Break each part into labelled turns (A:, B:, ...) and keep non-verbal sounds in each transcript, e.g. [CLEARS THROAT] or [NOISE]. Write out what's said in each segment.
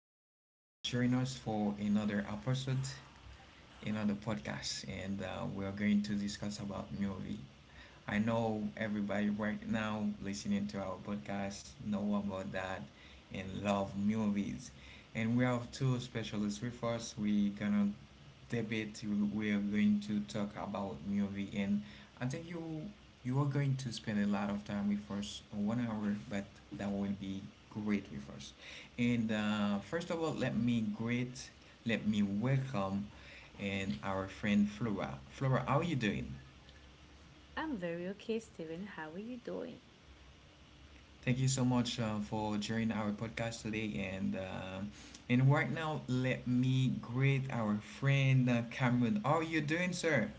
A: for joining us for another episode, another podcast, and we are going to discuss about movie. I know everybody right now listening to our podcast know about that and love movies, and we have two specialists with us. We're gonna debate we are going to talk about movie and I think you are going to spend a lot of time with us 1 hour, but that will be great with us. And first of all, let me greet let me welcome and our friend Flora. Flora, how are you doing?
B: I'm very okay, Steven. How are you doing?
A: Thank you so much for joining our podcast today. And and right now let me greet our friend Cameron. How are you doing, sir?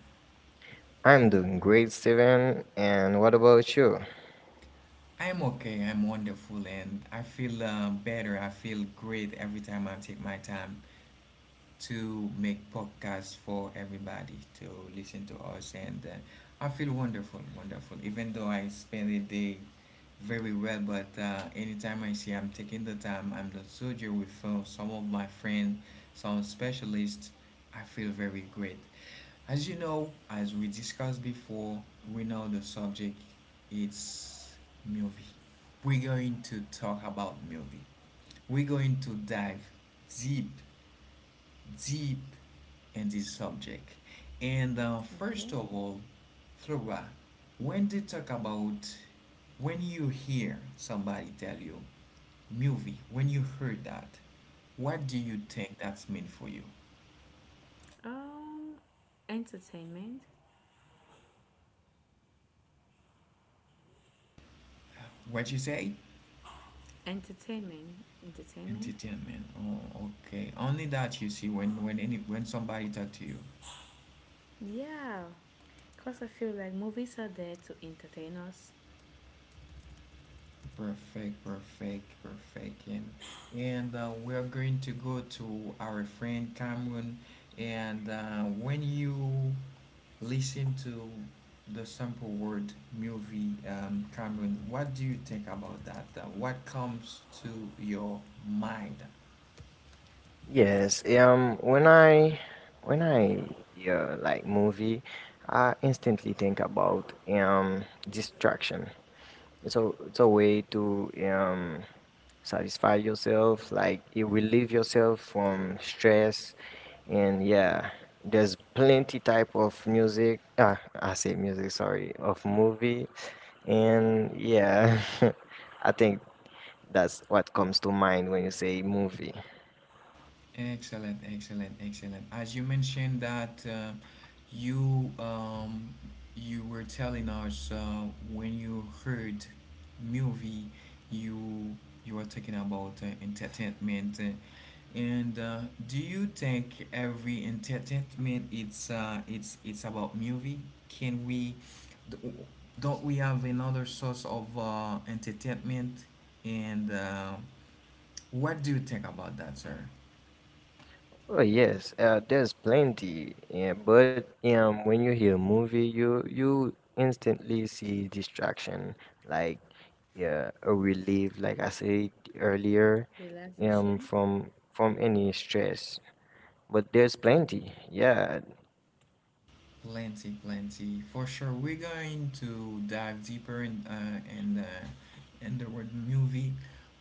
C: I'm doing great, Steven. And what about you?
A: I'm okay. I'm wonderful, and I feel better. I feel great every time I take my time to make podcasts for everybody to listen to us, and I feel wonderful, wonderful. Even though I spend the day very well, but anytime I see I'm taking the time, I'm the soldier with some of my friends, some specialists. I feel very great. As you know, as we discussed before, we know the subject it's movie. We're going to talk about movie. We're going to dive deep, deep in this subject. And
B: Okay.
A: first of all, Flora, when they talk about, when you hear somebody tell you movie, when you heard that, what do you think that's mean for you?
B: Um, entertainment,
A: What you say?
B: entertainment.
A: Entertainment. Oh, okay. Only that you see when somebody talk to you.
B: Yeah, cause I feel like movies are there to entertain us.
A: Perfect, perfect, perfect. And we are going to go to our friend Cameron. And when you listen to the sample word movie, Cameron, what do you think about that? What comes to your mind?
C: Yes, um, when I when I yeah, like movie, I instantly think about distraction. It's a way to satisfy yourself, like you relieve yourself from stress, and there's plenty type of music. Ah, I say music, sorry, of movie, and
B: Sorry.
C: [LAUGHS] I think. That's what comes to mind when you say movie.
A: Excellent, excellent, excellent. As you mentioned that you you were telling us when you heard movie, you you were talking about entertainment, and do you think every entertainment it's about movie? Can we d- don't we have another source of entertainment? And what do you think about that, sir?
C: Oh yes, there's plenty, yeah, but when you hear movie, you instantly see distraction, like yeah, a relief, like I said earlier,
B: Relaxation.
C: from any stress. But there's plenty, yeah.
A: Plenty, plenty. For sure, we're going to dive deeper in in the word movie.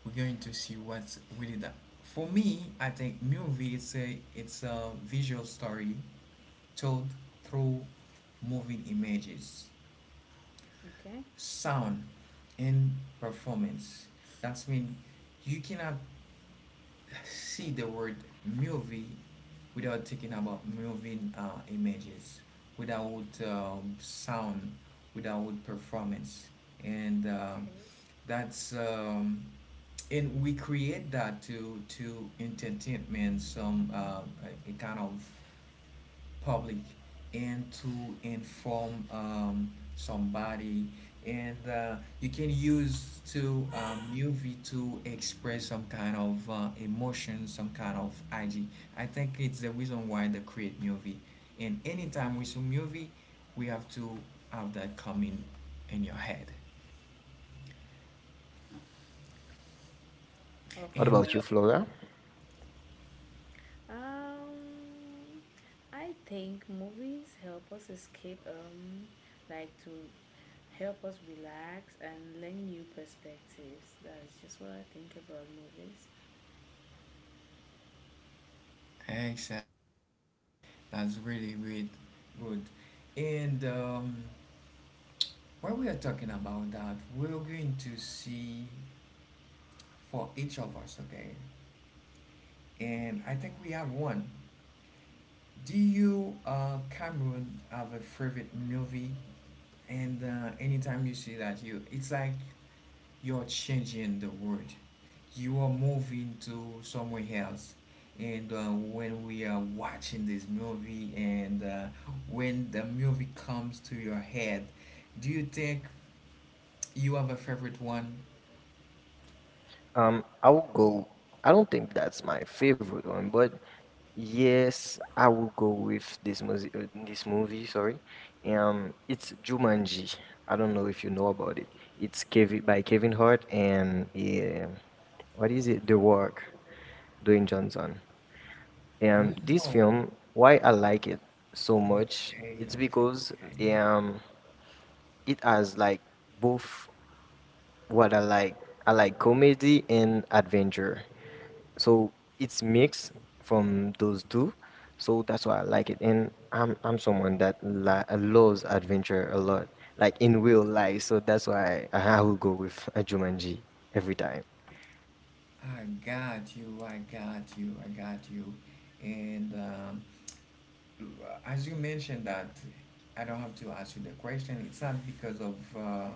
A: We're going to see what's really that. For me, I think movie is a it's a visual story told through moving images,
B: Okay.
A: sound, and performance. That's mean you cannot see the word movie without thinking about moving images, without sound, without performance, and
B: Okay.
A: that's and we create that to entertainment, some a kind of public and to inform somebody. And you can use to movie to express some kind of emotion, some kind of idea. I think it's the reason why they create movie, and anytime we see movie we have to have that coming in your head.
C: What
A: And
C: about
B: Okay.
C: you, Flora?
B: Okay. Um, I think movies help us escape. Like to help us relax and learn new perspectives. That's just what I think about movies.
A: exactly, that's really really good. And while we are talking about that, we're going to see for each of us, okay? And I think we have one. Do you, Cameron, have a favorite movie? And anytime you see that, you it's like you're changing the world. You are moving to somewhere else. And when we are watching this movie, and when the movie comes to your head, do you think you have a favorite one?
C: I will go. I don't think that's my favorite one, but yes, I will go with this movie. This movie, sorry. It's Jumanji. I don't know if you know about it. It's Kevin by Kevin Hart and yeah, what is it? The Rock, Dwayne Johnson.
A: We
C: This
A: know.
C: film, why I like it so
A: Okay,
C: much,
A: okay,
C: it's because
A: okay.
C: um, it has like both what I like comedy and adventure. So it's mixed from those two. So that's why I like it. And I'm someone that li loves adventure a lot, like in real life. So that's why I will go with a Jumanji every time.
A: I got you, I got you, I got you. And as you mentioned that, I don't have to ask you the question. It's not because of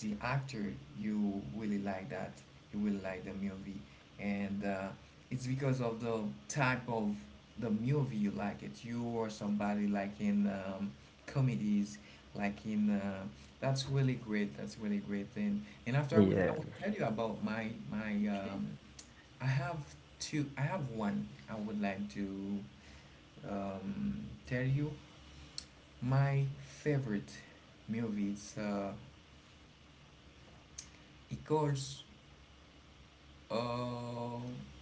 A: the actor you really like that, you really like the movie, and it's because of the type of the movie you like it. You or somebody like in comedies, like in that's really great. That's really great. And after I will I
C: Yeah.
A: will tell you about my my
B: Okay.
A: I have two. I have one. I would like to tell you my favorite movie. It's it calls uh,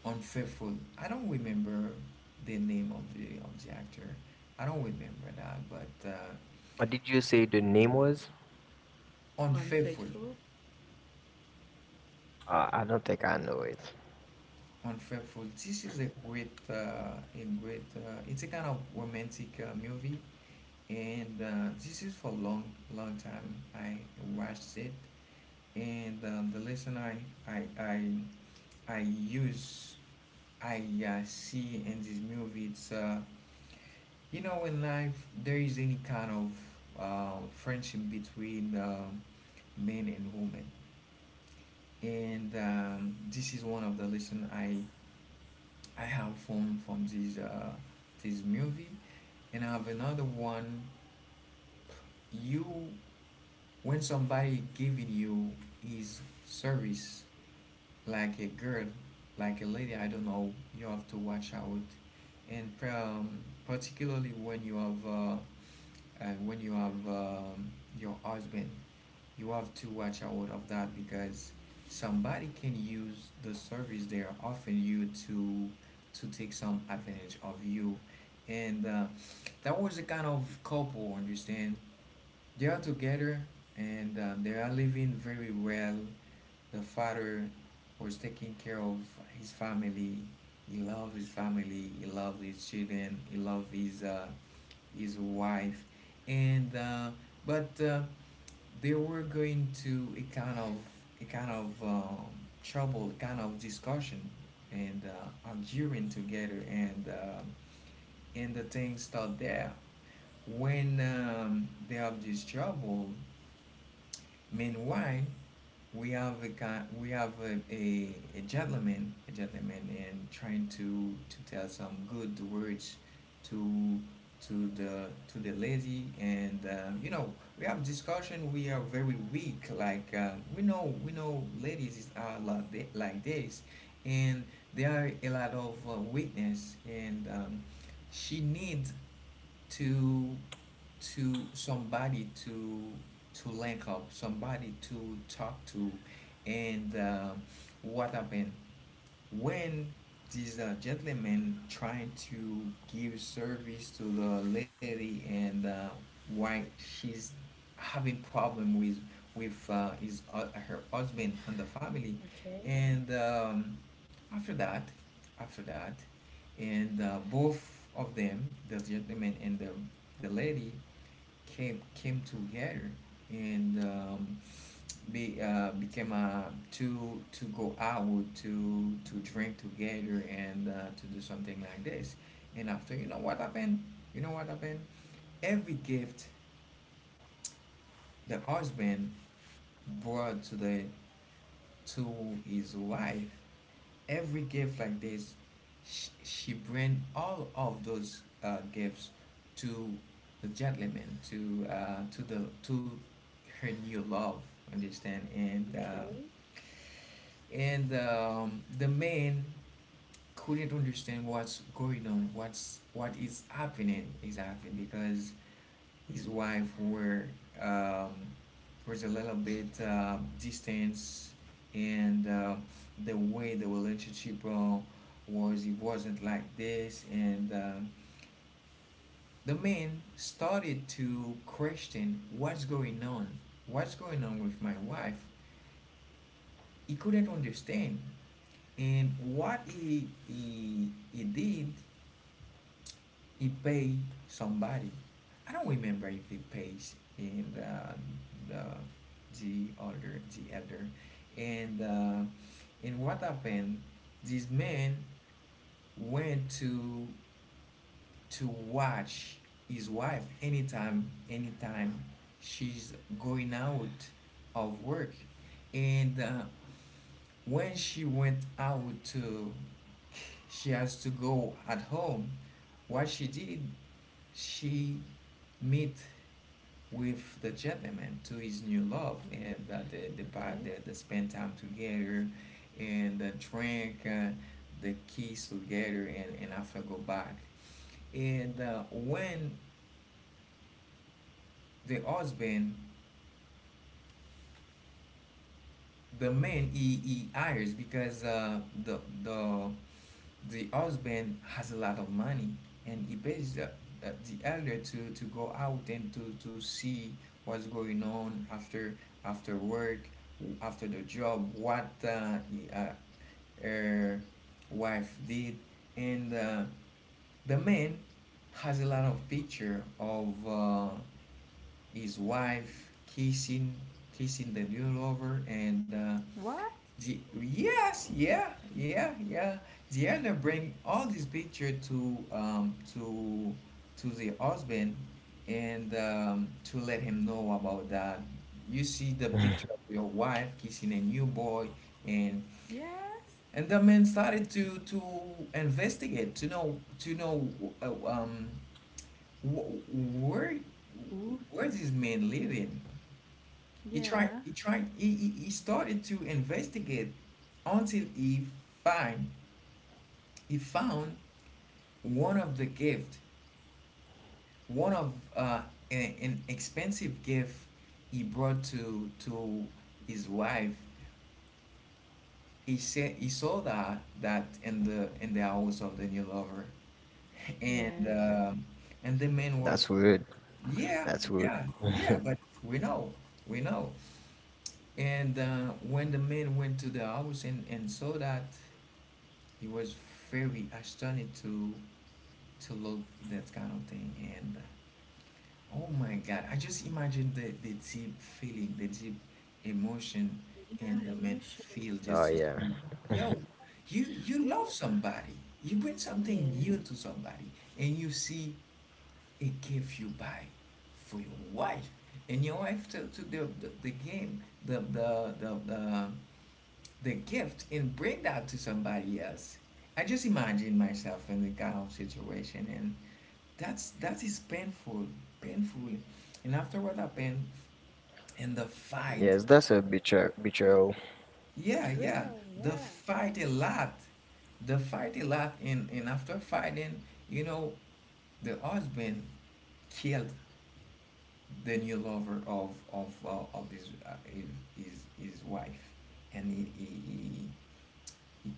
A: Unfaithful. I don't remember the name of the actor. I don't remember that. But
C: What did you say the name was?
A: Unfaithful,
B: Unfaithful.
C: I don't think I know it.
A: Unfaithful. This is a great, a great. It's a kind of romantic movie, and this is for long, long time. I watched it and the lesson I I, I use I see in this movie it's you know in life there is any kind of friendship between men and women. And this is one of the lesson I have from this this movie. And I have another one. You, when somebody giving you his service, like a girl, like a lady, I don't know, you have to watch out. And particularly when you have your husband, you have to watch out of that because somebody can use the service they are offering you to take some advantage of you. And that was the kind of couple, understand? They are together, and they are living very well. The father was taking care of his family. He loved his family. He loved his children. He loved his wife. And uh, but uh, they were going to a kind of trouble, kind of discussion, and arguing together. And and the thing start there. When they have this trouble, meanwhile, we have a guy, we have a gentleman, and trying to tell some good words to to the lady. And you know, we have discussion. We are very weak. Like we know ladies are a lot like this, and there are a lot of weakness. And she needs to to somebody to link up, somebody to talk to. And what happened when these gentlemen trying to give service to the lady? And why she's having problem with his her husband and the family?
B: Okay,
A: And after that after that and both of them, the gentleman and the lady, came came together. And be became to go out to drink together and to do something like this. And after, you know what happened? You know what happened? Every gift the husband brought to the to his wife, every gift like this, she bring all of those gifts to the gentleman, to the to her new love. Understand. and. Uh,
B: Okay.
A: and um, the man couldn't understand what's going on, what's what is happening exactly, because his wife were um, was a little bit distance. And the way the relationship was, it wasn't like this. And the man started to question what's going on, what's going on with my wife. He couldn't understand. And what he did, he paid somebody. I don't remember if he pays in the older, the elder. And what happened, this man went to watch his wife anytime, anytime she's going out of work. And when she went out to, she has to go at home. What she did, she meet with the gentleman to his new love, and that they,
B: okay.
A: they spend time together, and drink, the kiss together, and after go back. And when the husband, the man he hires, because the husband has a lot of money, and he pays the elder to go out and to see what's going on after after work after the job, what her wife did. And the man has a lot of picture of his wife kissing kissing the new lover. And
B: What?
A: yes, yeah, yeah, yeah. The elder bring all this picture to the husband, and to let him know about that. You see the picture of your wife kissing a new boy. and
B: Yes.
A: and the man started to investigate to know uh, um wh- where
B: Ooh.
A: where this man living. He tried.
B: Yeah,
A: He tried. He started to investigate until find he found one of the gift, one of an expensive gift he brought to his wife. He said he saw that that in the house of the new lover. And
B: yes.
A: and the man was,
C: That's weird.
A: yeah,
C: That's
A: yeah,
C: weird.
A: yeah. But we know, we know. And when the man went to the house and saw that, he was very astonished to look that kind of thing. And oh my God, I just imagine the deep feeling, the deep emotion, and
B: Yeah,
A: the man feel
B: emotions.
A: just to
C: Oh
A: see,
C: yeah.
A: yo, you love
B: Well,
A: somebody, you bring something new
B: yeah,
A: to somebody, and you see a gift you buy for your wife and your wife took, to the game the the gift and bring that to somebody else. I just imagine myself in the kind of situation, and that is painful, painful. And after what happened and the fight,
C: Yes, that's a betrayal. Betrayal.
A: yeah, yeah,
B: betrayal,
A: the
B: yeah.
A: fight a lot, the fight a lot, and after fighting, you know the husband killed the new lover of of his wife, and he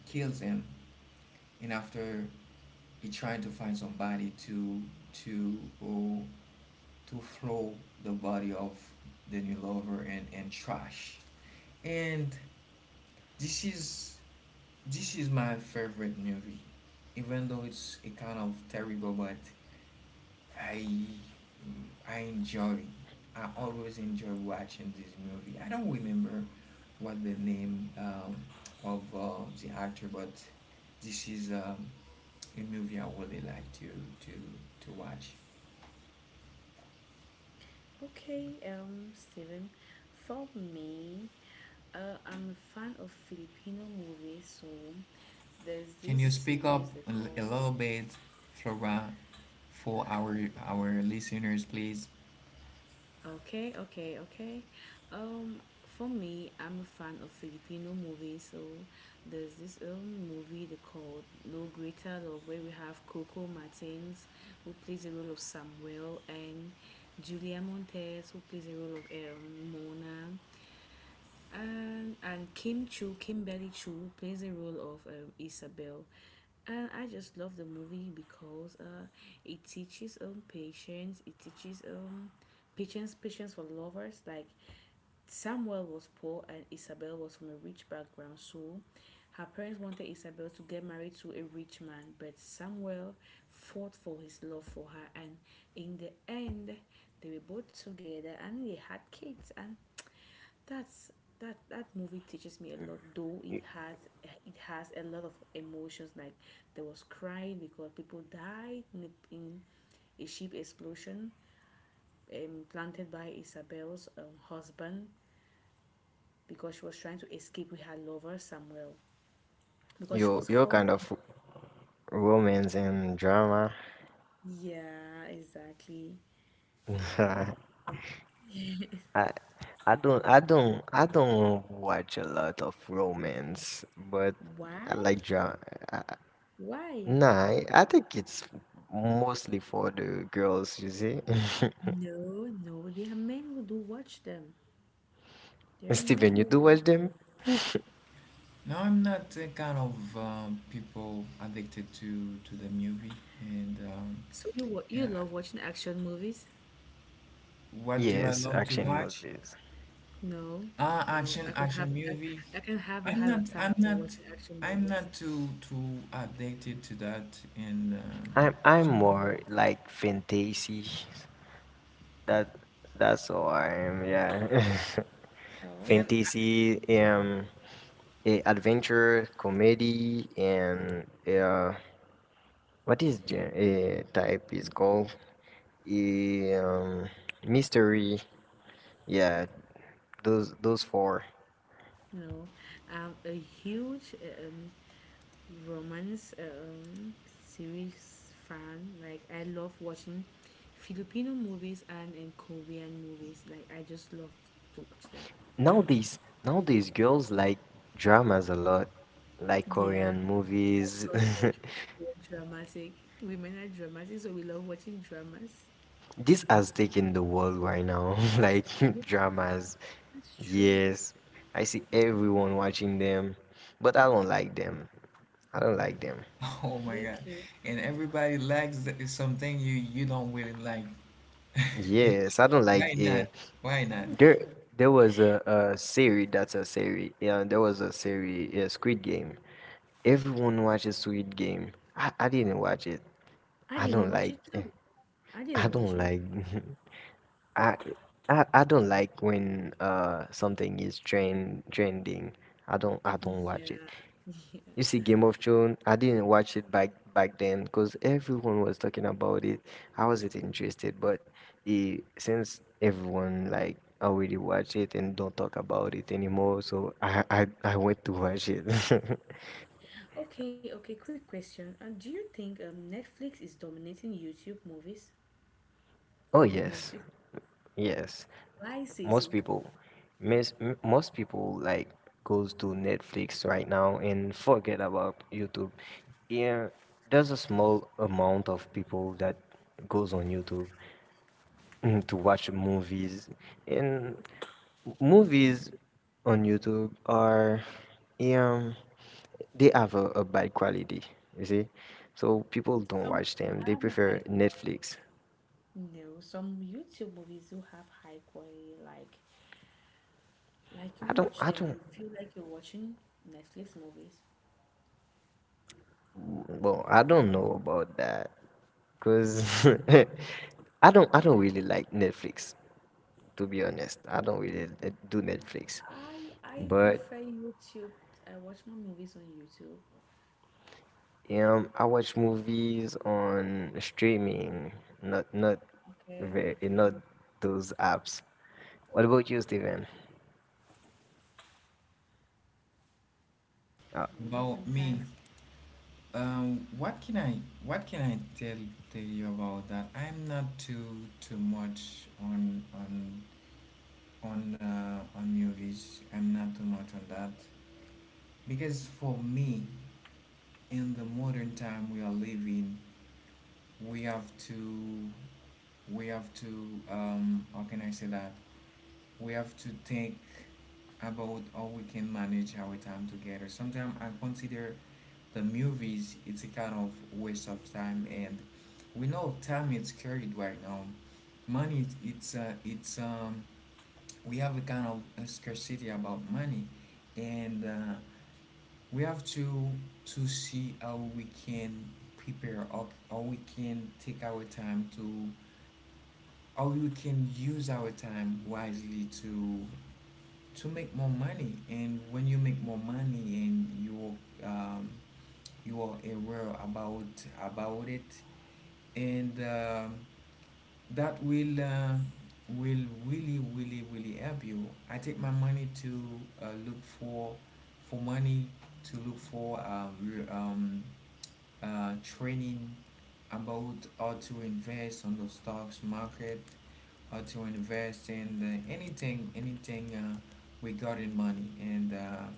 A: kills him, and after he tried to find somebody to to oh, to throw the body of the new lover and trash. And this is this is my favorite movie, even though it's a kind of terrible, but I mm, I enjoy. I always enjoy watching this movie. I don't remember what the name of the actor, but this is a movie I really like to to to watch.
B: Okay, Steven, for me, I'm a fan of Filipino movies, so there's
A: Can
B: this
A: you speak up
B: series they
A: a a
B: call.
A: little bit, Flora, for our listeners, please?
B: Okay, okay, okay. For me, I'm a fan of Filipino movies. So there's this movie they called No Greater Love, where we have Coco Martins, who plays the role of Samuel, and Julia Montes, who plays the role of Mona, and Kim Chu, Kimberly Chu plays the role of Isabel, and I just love the movie because it teaches patience. It teaches um patience for lovers. Like Samuel was poor and Isabel was from a rich background, so her parents wanted Isabel to get married to a rich man, but Samuel fought for his love for her, and in the end, they were both together and they had kids. And that's that that movie teaches me a lot, though
C: Y-
B: it has a lot of emotions, like there was crying because people died in a ship explosion planted by Isabel's husband because she was trying to escape with her lover Samuel because she was
C: Your
B: forced.
C: kind of romance and drama.
B: Yeah, exactly.
C: [LAUGHS] I I don't I don't watch a lot of romance, but
B: Why?
C: I like drama.
B: Why?
C: I think it's mostly for the girls, you see.
B: No, no, there are men who do watch them.
C: [LAUGHS]
B: There are men
C: Steven, you
B: who
C: do
B: watch.
C: watch them?
A: No, I'm not the kind of people addicted to the movie, and um,
B: So you wa-
A: and
B: you
A: I-
B: love watching action movies.
A: what do I
C: Yes,
A: love to
C: action
A: watch?
C: movies.
B: No,
A: Ah,
B: no.
A: action action movie.
B: I can have a
A: I'm
B: heart
A: not I'm
B: attack for
A: not
B: watching action
A: I'm
B: movies.
A: not too addicted to that, and um,
C: I'm more like fantasy. That that's all I am, yeah. [LAUGHS]
B: No,
A: and
C: Fantasy, eh, adventure, comedy, and yeah, what is the type is called? Eh, Um, mystery. Yeah, those four.
B: no. I'm a huge romance series fan. Like I love watching Filipino movies and Korean movies. Like I just love to watch them.
C: Nowadays, nowadays girls like dramas a lot, like
B: Yeah,
C: Korean
B: that's
C: movies.
B: because we're dramatic. Women are dramatic, so we love watching dramas.
C: [LAUGHS] This has taken the world right now, [LAUGHS] like [LAUGHS]
B: Yeah,
C: dramas.
B: that's true.
C: Yes, I see everyone watching them, but I don't like them. I don't like them.
A: [LAUGHS] oh my
B: They're
A: god.
B: cute.
A: And everybody likes something you don't really like.
C: Yes, I don't like.
A: Why not? Why not?
C: There, there was a series that's a series. Yeah, there was a series, yeah, Squid Game. Everyone watches Squid Game. I didn't watch it.
B: I
C: I
B: didn't
C: don't
B: watch
C: like.
B: it too. I
C: [LAUGHS] I
B: didn't watch
C: don't
B: it.
C: like. [LAUGHS] I, I don't like when something is trending. I don't
B: Yeah,
C: watch it.
B: yeah.
C: You see Game of Thrones, I didn't watch it back then because everyone was talking about it. I wasn't interested, but since everyone like already watched it and don't talk about it anymore, so I went to watch it.
B: Okay, okay, quick question. Do you think Netflix is dominating YouTube movies?
C: [LAUGHS] Oh yes,
B: Netflix,
C: yes.
B: why say so?
C: Most people, Most people like goes to Netflix right now and forget about YouTube. Yeah, there's a small amount of people that goes on YouTube. Mm, to watch movies and movies on YouTube are um they have a bad quality you see, so people don't
B: Some
C: watch
B: do
C: them, they
B: have a
C: prefer
B: high quality.
C: Netflix.
B: No, some YouTube movies do have high quality. Like you
C: I
B: watch them
C: don't
B: and you feel like you're watching Netflix movies.
C: well I don't know about that because [LAUGHS] I don't really like Netflix, to be honest. I don't really do Netflix,
B: I
C: but
B: prefer YouTube. I watch my movies on YouTube.
C: I watch movies on streaming, not not
B: Okay,
C: not
B: okay.
C: those apps. What about you, Steven?
B: Maybe
A: About me.
B: sometimes.
A: What can I tell you about that? I'm not too much on on movies. I'm not too much on that because for me, in the modern time we are living, we have to, we have to, how can I say that? We have to think about how we can manage our time together. Sometimes I consider the movies, it's a kind of waste of time, and we know time is carried right now. Money, it's we have a kind of a scarcity about money, and we have to see how we can prepare, or how we can take our time to how we can use our time wisely to make more money. And when you make more money and you um, you are aware about it, and that will really really really help you. I take my money to look for money, to look for um, training about how to invest on the stocks market, how to invest in anything, anything regarding money. And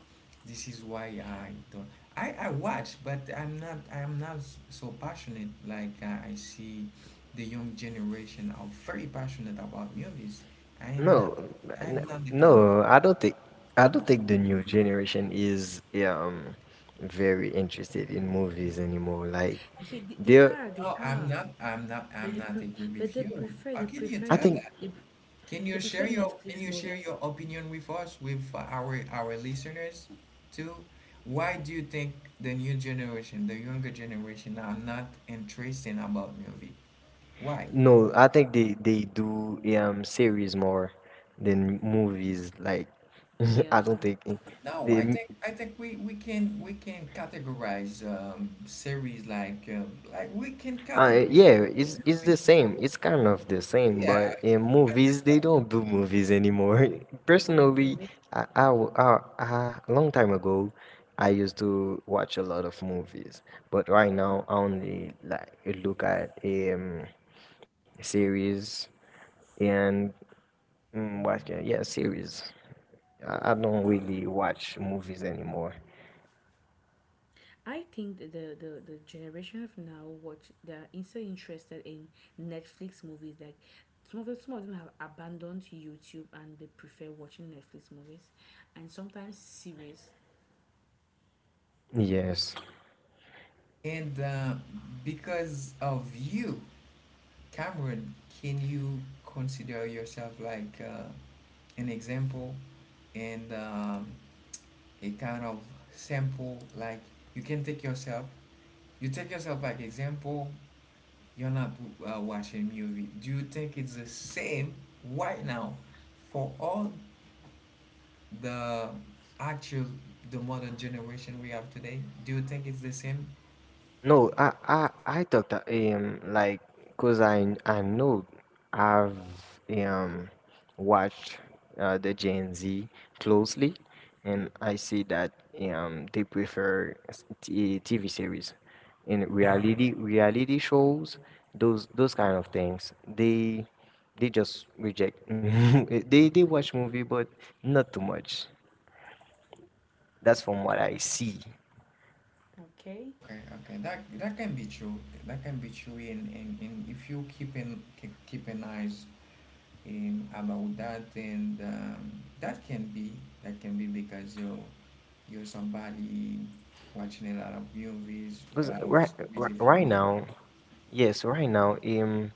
A: this is why I don't. I watch, but I'm not. I'm not so passionate. Like I see the young generation are very passionate about movies. I am not.
C: No, n-
A: I'm not the kind of.
C: no, I don't think the new generation is very interested in movies anymore. Like
B: Yeah, they
C: they're,
B: are. They
A: No, I'm
B: are.
A: not. I'm not.
B: But
A: I'm
B: they
A: not
B: pre-
A: agree
B: but
A: with you. How
B: they
A: can you
B: prefer
C: I
A: tell
B: you
C: think
A: that?
B: they, pre-
A: Can you
B: They
A: share
B: prefer
A: your
B: Netflix movies.
A: opinion with us, with our listeners too? Why do you think the new generation, the younger generation are not interested about movie? Why?
C: no, I think they do series more than movies. Like [LAUGHS] I don't
B: Yeah,
C: think
A: No, I
C: they.
A: think we, we can categorize series like we can categorize like
C: Yeah, it's
A: movies.
C: the same. It's kind of the same,
A: Yeah.
C: but in movies they don't do movies anymore. [LAUGHS]
B: yeah.
C: Personally, I, w- I- a long time ago, I used to watch a lot of movies, but right now I only like look at series and mm, what can yeah series. I don't really watch movies anymore.
B: I think that the generation of now watch, they're so interested in Netflix movies. Like some of them have abandoned YouTube and they prefer watching Netflix movies, and sometimes series.
C: Yes.
A: And because of you, Cameron, can you consider yourself like an example? And a kind of sample, like you can take yourself, you take yourself like example. You're not watching movie. Do you think it's the same right now for all the actual, the modern generation we have today? Do you think it's the same?
C: No, I talked to him like, cause I know I've um watched the Gen Z closely, and I see that they prefer TV series, in. Yeah. Reality shows, those kind of things they just reject. [LAUGHS] They watch movie but not too much. That's from what I see.
B: Okay.
A: Okay, okay, that can be true, that can be true in if you keep, keep an eyes about that, and that can be, that can be because you're somebody watching a lot of movies, a
C: Cause
A: lot of
C: right
A: series, if you
C: Right
A: want,
C: now, yes, right now,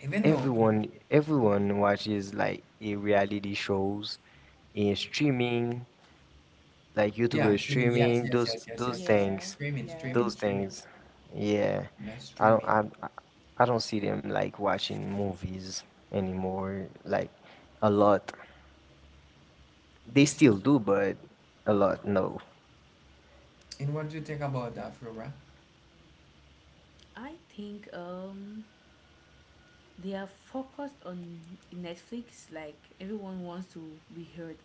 A: even though,
C: everyone, everyone watches like a reality shows in streaming, like
A: yeah,
C: YouTuber
A: streaming, yes,
C: streaming,
A: yes, yes, yes,
C: those
A: yes, yes,
C: things,
B: Yeah.
A: streaming,
B: Yeah.
A: streaming,
C: those
A: streaming,
C: things. Yeah,
A: yes,
C: I don't,
A: streaming.
C: I, I I don't see them like watching movies anymore. Like a lot, they
A: This
C: still
A: is,
C: do, but a lot no.
A: and what do you think about that, Flora?
B: I think they are focused on Netflix. Like everyone wants to be heard,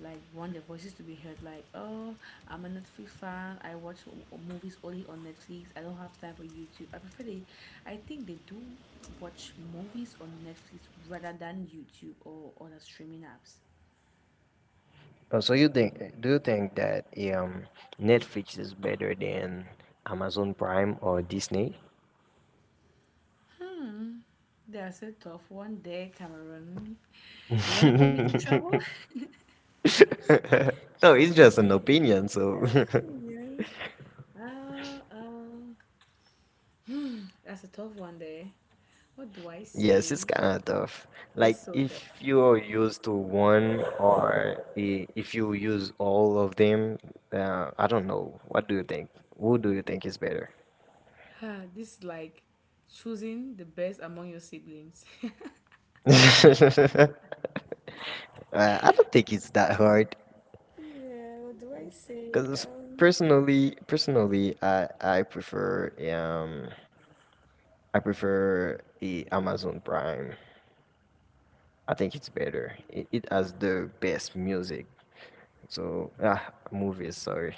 B: like want their voices to be heard, like, oh, I'm a Netflix fan, I watch movies only on Netflix, I don't have time for YouTube, I think they do watch movies on Netflix rather than YouTube or other streaming apps.
C: Oh, so you think? Do you think that um Netflix is better than Amazon Prime or Disney?
B: Hmm, that's a tough one there, Cameron. You want to put me to
C: [LAUGHS]
B: trouble. [LAUGHS]
C: [LAUGHS] No, it's just an opinion, so
B: Cameron. uh, uh, that's a tough one there, what do I
C: [LAUGHS] yes, it's
B: say?
C: kind of tough. Like
B: It's so
C: if
B: tough.
C: you are used to one or if you use all of them, I don't know. What do you think? Who do you think is better?
B: Ah, this is like choosing the best among your siblings. [LAUGHS]
C: [LAUGHS] I don't think it's that hard
B: Yeah, what do I say?
C: because personally, I prefer the Amazon Prime. I think it's better. It has the best music. So ah, movies. Sorry,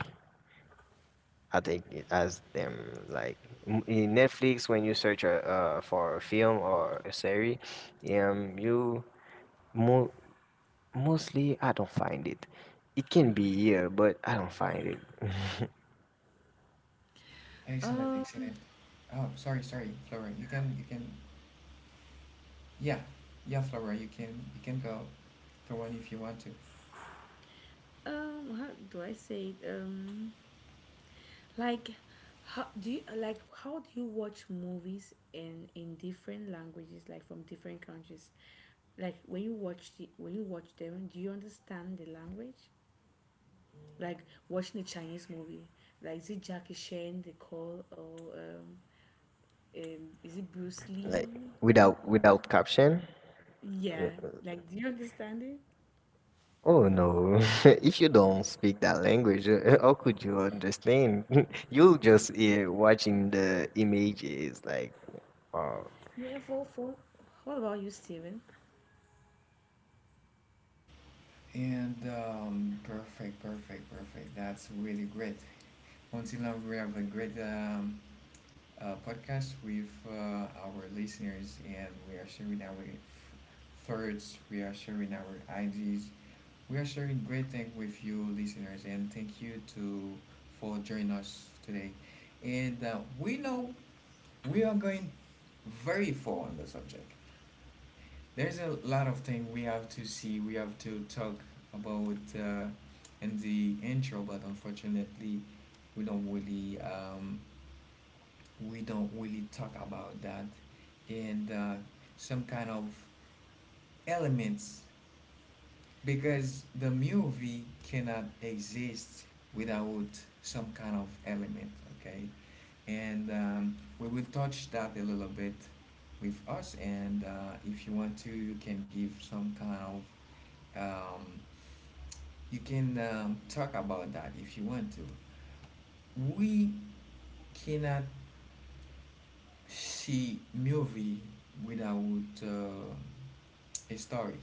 C: I take it as them like in Netflix when you search for a film or a series, um, you mo- mostly I don't find it. It can be here, but I don't find it
A: Excellent,
B: um,
A: excellent. Oh sorry, sorry, Flora, you can you can, yeah, yeah, Flora, you can go, go on if you want to.
B: how do I say it? Like, How do you watch movies in different languages, like from different countries? Like when you watch the, when you watch them, do you understand the language? Like watching a Chinese movie, like is it Jackie Chan, the call, or is it Bruce
C: like
B: Lee?
C: without caption.
B: Yeah, like, do you understand it?
C: Oh no! [LAUGHS] If you don't speak that language, [LAUGHS] how could you understand? [LAUGHS] You'll just hear watching the images like, oh,
B: Yeah, for for. What about you, Steven?
A: And perfect, perfect, perfect. That's really great. Until now, we have a great podcast with our listeners, and we are sharing our thoughts, we are sharing our ideas, we are sharing great things with you, listeners, and thank you to for joining us today. And we know we are going very far on the subject. There's a lot of things we have to see, we have to talk about in the intro, but unfortunately, we don't really talk about that, and some kind of elements, because the movie cannot exist without some kind of element, okay? And we will touch that a little bit with us, and if you want to, you can give some kind of um, you can talk about that if you want to. We cannot see movie without a story,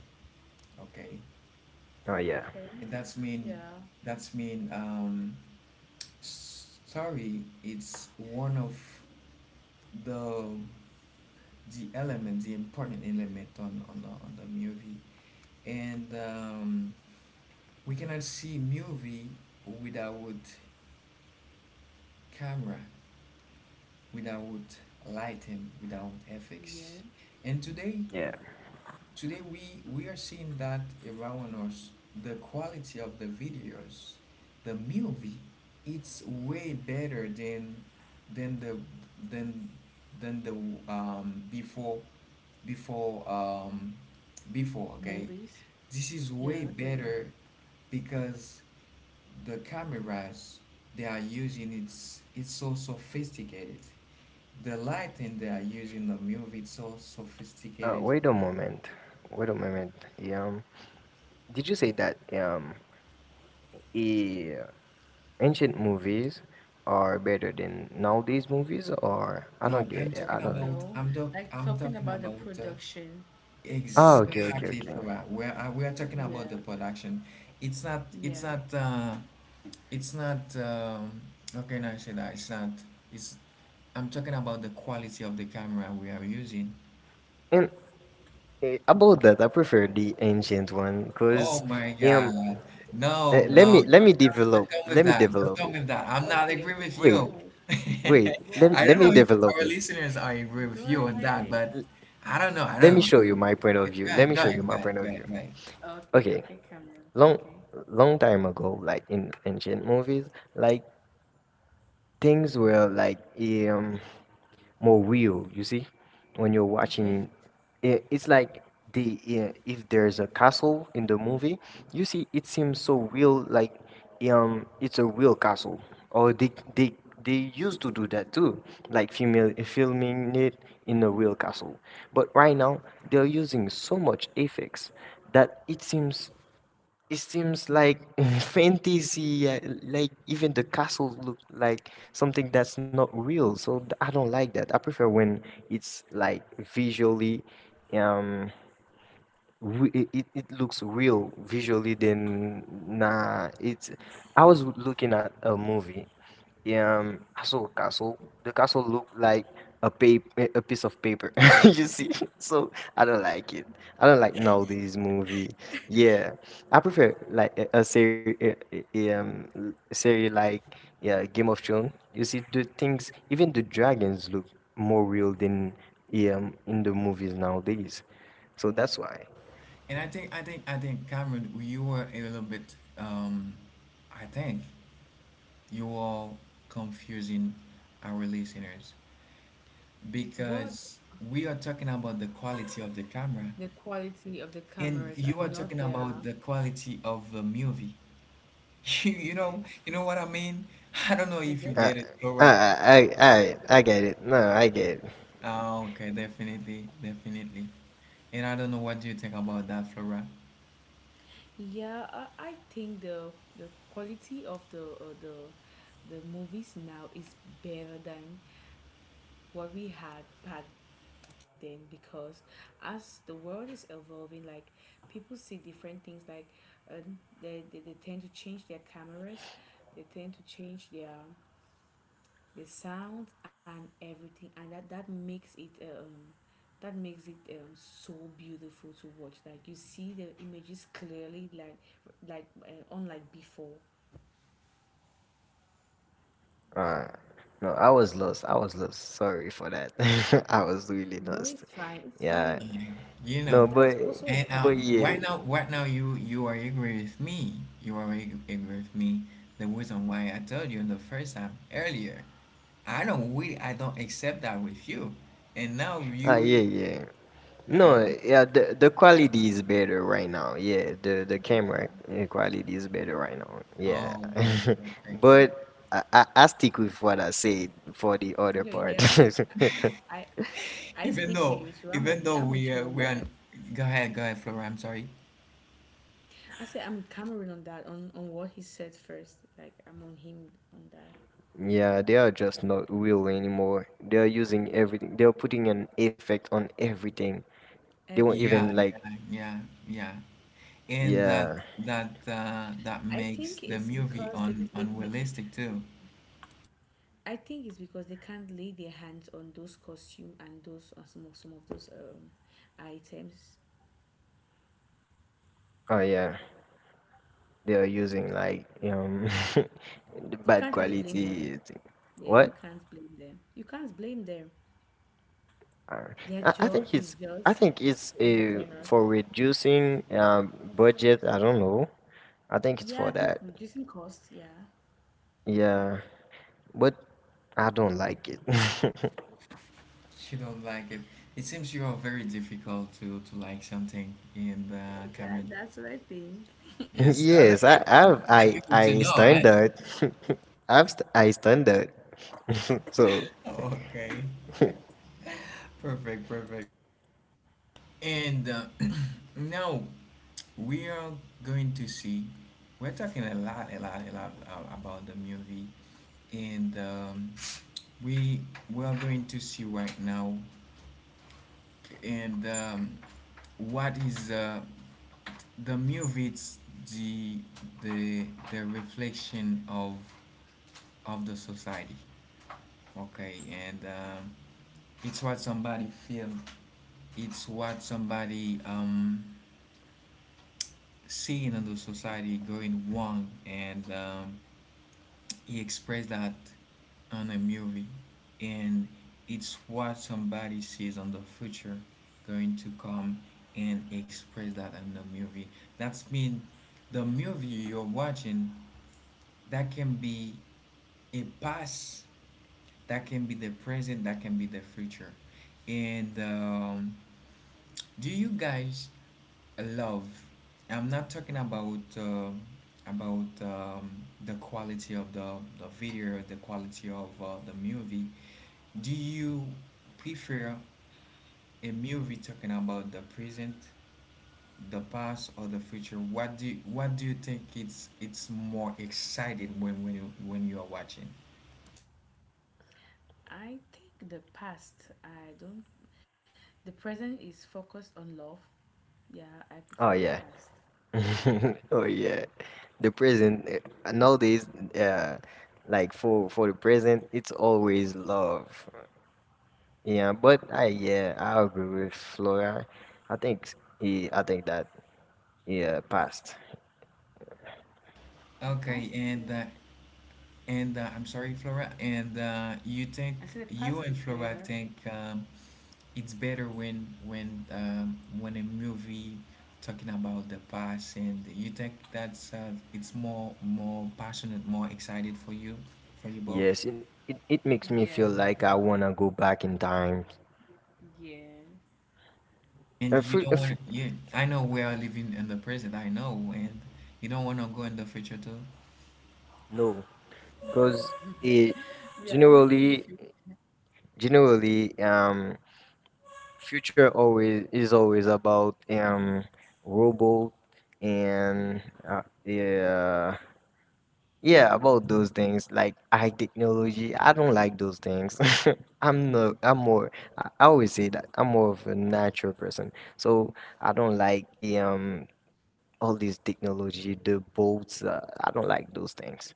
A: okay?
C: oh yeah,
B: Okay,
A: And that's mean,
B: yeah,
A: that's mean, story. It's one of the the element, the important element on on the movie, and we cannot see movie without camera, without lighting, without
B: yeah.
A: effects. And today,
C: yeah.
A: today we are seeing that around us, the quality of the videos, the movie, it's way better than the than than the before before before.
B: Movies?
A: Okay, this is way better because the cameras they are using, it's so sophisticated, the lighting they are using the movie, it's so sophisticated.
C: Wait a moment. Wait a moment. Um, did you say that eh, ancient movies are better than nowadays movies, or I don't
A: No,
C: get. It, I don't.
B: No. Like talking
A: I'm
B: about the
A: talking about
B: production, the
C: Oh, okay,
B: production.
C: okay,
A: exactly,
C: okay.
A: Farah. Where we are talking about
B: Yeah,
A: the production. It's not,
B: yeah.
A: it's not um, how can I say that? It's not, it's I'm talking about the quality of the camera we are using.
C: And about that, I prefer the ancient one
A: Oh
C: because
A: my
C: um,
A: God. No,
B: No,
C: let
B: no,
A: no,
C: me
B: no, no.
A: don't come with that. Don't
C: develop
A: come
C: it.
A: with that. I'm not
B: Okay,
A: agree
B: okay,
A: with
B: go
C: Wait,
A: you.
B: ahead.
A: [LAUGHS]
C: wait.
B: Go
A: I
B: ahead.
C: Let
A: don't
C: me
A: know if
C: develop
A: our
C: it.
A: listeners are agree with
B: Go
A: you on that,
B: ahead.
A: but I don't know. I
C: Let
A: don't
C: me show you
A: know.
C: my point of
A: Go
C: view. Let
A: ahead,
C: me
A: go
C: show you
A: ahead, go
C: my
A: ahead,
C: point
A: go
C: of
A: ahead,
C: view.
A: go ahead.
B: Okay,
C: Okay,
B: okay, camera.
C: long
B: Okay,
C: long time ago, like in ancient movies, like things were like um more real. You see, when you're
B: okay.
C: watching it, it's like the if there's a castle in the movie, you see, it seems so real. Like it's a real castle, or they they used to do that too, like female filming it in a real castle. But right now, they're using so much effects that it seems like [LAUGHS] fantasy, like even the castles look like something that's not real. So I don't like that. I prefer when it's like visually, um, we, it looks real visually. Then nah, it's, I was looking at a movie, I saw a castle. The castle looked like a piece of paper. [LAUGHS] You see, so I don't like it. I don't like nowadays movie. Yeah, I prefer like a series, series like, yeah, Game of Thrones. You see the things, even the dragons look more real than in the movies nowadays. So that's why.
A: And I think, Cameron, you were a little bit, I think you are confusing our listeners
B: But
A: because we are talking about the quality of the camera,
B: the quality of the
A: and
B: cameras are
A: you are
B: not
A: talking
B: there.
A: about the quality of the movie. [LAUGHS] You,
B: Okay.
A: you know what I mean? [LAUGHS] I don't know
B: Like
A: if you
B: their.
C: I
A: get it, Flora.
C: I get it. No, I get it.
A: Ah, okay, definitely, definitely. And I don't know what do you think about that, Flora.
B: Yeah, I think the quality of the movies now is better than what we had back then because as the world is evolving, like people see different things. Like uh, they tend to change their cameras, they tend to change their the sound and everything, and that makes it that makes it so beautiful to watch, like you see the images clearly, like unlike before.
C: Uh, no, I was lost. I was lost. Sorry for that. [LAUGHS] I was really
B: No,
C: lost.
B: it's fine, it's
C: Yeah.
B: fine.
A: Mhm. You
C: No,
A: know,
B: That was also a
A: and
C: but
B: point.
C: yeah.
A: right now, right now, you are angry with me. You are angry with me. The reason why I told you the first time earlier, I don't really, I don't accept that with you. And now
C: Ah, yeah,
A: you,
C: yeah. No,
A: um,
C: yeah. The quality is better right now. Yeah, the camera
B: Yeah,
C: quality is better right now. Yeah,
A: oh, okay,
C: [LAUGHS]
A: perfect.
C: but I stick with what I said for the other
B: no,
C: part.
B: yeah.
C: [LAUGHS]
B: I i
A: Even
B: stick with
A: though,
B: you too, I'm on
A: even
B: you,
A: though
B: I'm with you on
A: we are,
B: that.
A: go ahead, Flora. I'm sorry.
B: I say I'm with Cameron on that, on what he said first, like I'm on him on that.
C: Yeah, they are just not real anymore. They are using everything. They are putting an effect on everything. They won't even
A: Yeah,
B: Everything.
C: like,
A: yeah, yeah. And
C: yeah,
A: that
B: I
A: makes
B: think
A: the
B: it's
A: movie
B: because
A: un
B: the
A: unrealistic too.
B: I think it's because they can't lay their hands on those costume and those some of those items.
C: oh yeah. They are using like [LAUGHS] the
B: You
C: bad
B: can't really blame
C: quality
B: them.
C: thing.
B: Yeah,
C: What?
B: you can't blame them. You can't blame them.
C: Uh,
B: Their
C: I think
B: job
C: it's,
B: is
C: I
B: just
C: think it's
B: to entertain
C: for
B: us.
C: reducing budget. I don't know. I think it's for
B: Yeah, I
C: that.
B: think reducing cost. Yeah,
C: Yeah, but I don't like it. [LAUGHS]
A: She don't like it. It seems you are very difficult to like something in the
B: yeah,
A: Cameron.
B: that, that's what I think.
C: [LAUGHS]
A: Yes,
C: Yes,
A: other people to
C: I
A: know, eh?
C: standard. [LAUGHS] I standard. [LAUGHS] So,
A: [LAUGHS] Okay, perfect, perfect. And [CLEARS THROAT] now we are going to see, we're talking a lot, a lot, a lot about the movie. And we, we are going to see right now, and what is the movie. It's the the the reflection of the society, okay? And it's what somebody feel, it's what somebody seeing in the society going wrong, and he expressed that on a movie, and it's what somebody sees on the future going to come and express that on the movie. That's mean the movie you're watching, that can be a past, that can be the present, that can be the future. And do you guys love. I'm not talking about about um, the quality of the video, the quality of the movie. Do you prefer a movie talking about the present, the past, or the future? What do you think it's more excited when when you are watching?
B: I think the past. I don't. The present is focused on love. Yeah, I
C: oh
B: prefer
C: yeah.
B: the past.
C: [LAUGHS] Oh yeah. The present nowadays uh like for the present it's always love. Yeah, but I yeah, I agree with Flora. I think I think that yeah, past.
B: The
A: Okay,
B: past is
A: and uh,
B: better.
A: and uh, I'm sorry, Flora. And you think,
B: I said the
A: you and
B: past is
A: Flora
B: better.
A: think, it's better when when a movie talking about the past, and you think that's it's more, more passionate, more excited for you, for you both.
C: Yes, it makes me feel
B: Yeah,
C: like I wanna go back in time.
B: yeah.
A: And you don't
C: If,
A: want, you, I know we are living in the present, I know, and you don't want to go in the future too.
C: No, because it
B: We are already in
C: generally
B: the field.
C: generally future always is always about robot and uh, yeah yeah about those things like high technology. I don't like those things. [LAUGHS] I'm no I'm more, I always say that I'm more of a natural person, so I don't like um all this technology, the boats, I don't like those things.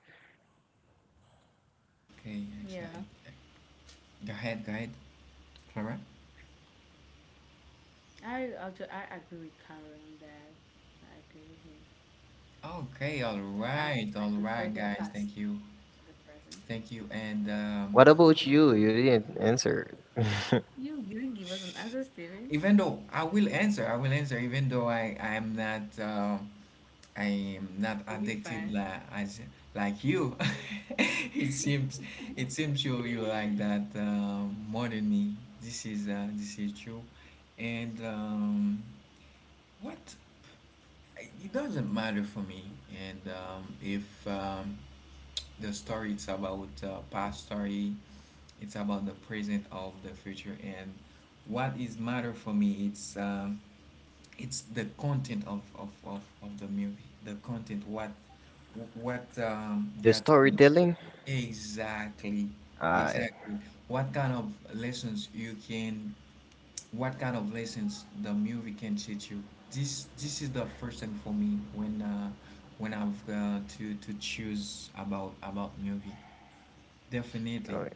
A: Okay,
B: Yeah,
A: excited, go ahead, go ahead, alright.
B: I actually I agree with Karen on that. I agree with him.
A: Okay, all right,
B: I
A: all
B: prefer
A: right
B: the
A: guys,
B: past
A: thank you.
B: to the present.
A: Thank you and
C: What about you, you didn't answer?
B: You didn't give us an answer, Steven.
A: even though I will answer, I will answer, even though I am not I am not
B: It will be
A: addicted
B: fine.
A: like as like you. [LAUGHS] It seems, it seems you you like that more than me. This is true, and what it doesn't matter for me. And if the story it's about past story, it's about the present of the future, and what is matter for me, it's the content of the movie, the content what they
C: The
A: are telling.
C: storytelling,
A: exactly
C: I
A: exactly what kind of lessons you can what kind of lessons the movie can teach you? This is the first thing for me when I've to choose about movie, definitely.
C: oh,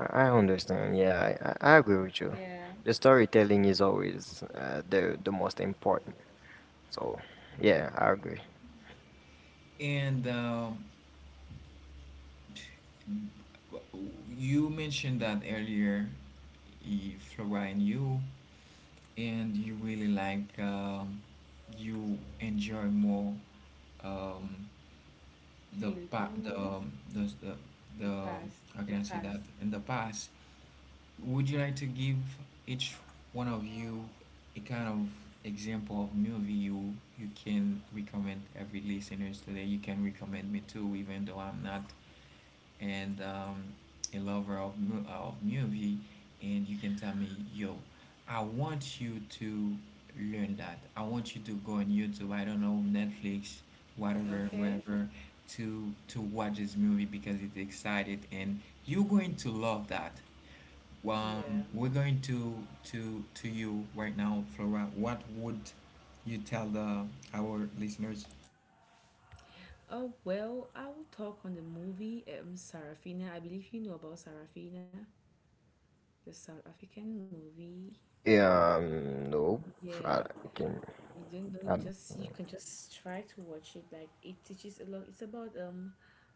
C: I understand. Yeah, I agree with you.
B: Yeah,
C: The storytelling is always the most important. So, yeah, I agree.
A: And you mentioned that earlier, Flora, and you really like, you enjoy more, um, the
B: Filipino
A: pa
B: movies. The
A: the
B: past. The
A: how can I say
B: past.
A: that, in the past? Would you like to give each one of you a kind of example of movie you can recommend every listeners today? You can recommend me too, even though I'm not, and a lover of movie. And you can tell me, yo I want you to learn that. I want you to go on YouTube, I don't know, Netflix, whatever,
B: Okay.
A: wherever, to watch this movie because it's excited and you're going to love that.
B: Yeah.
A: We're going to you right now. Flora, what would you tell the our listeners?
B: Oh well, I will talk on the movie Sarafina. I believe you know about Sarafina, the South African movie.
C: Yeah, nope. I
B: Yeah.
C: can.
B: You don't know,
C: I,
B: just you can just try to watch it, like it teaches a lot. It's about um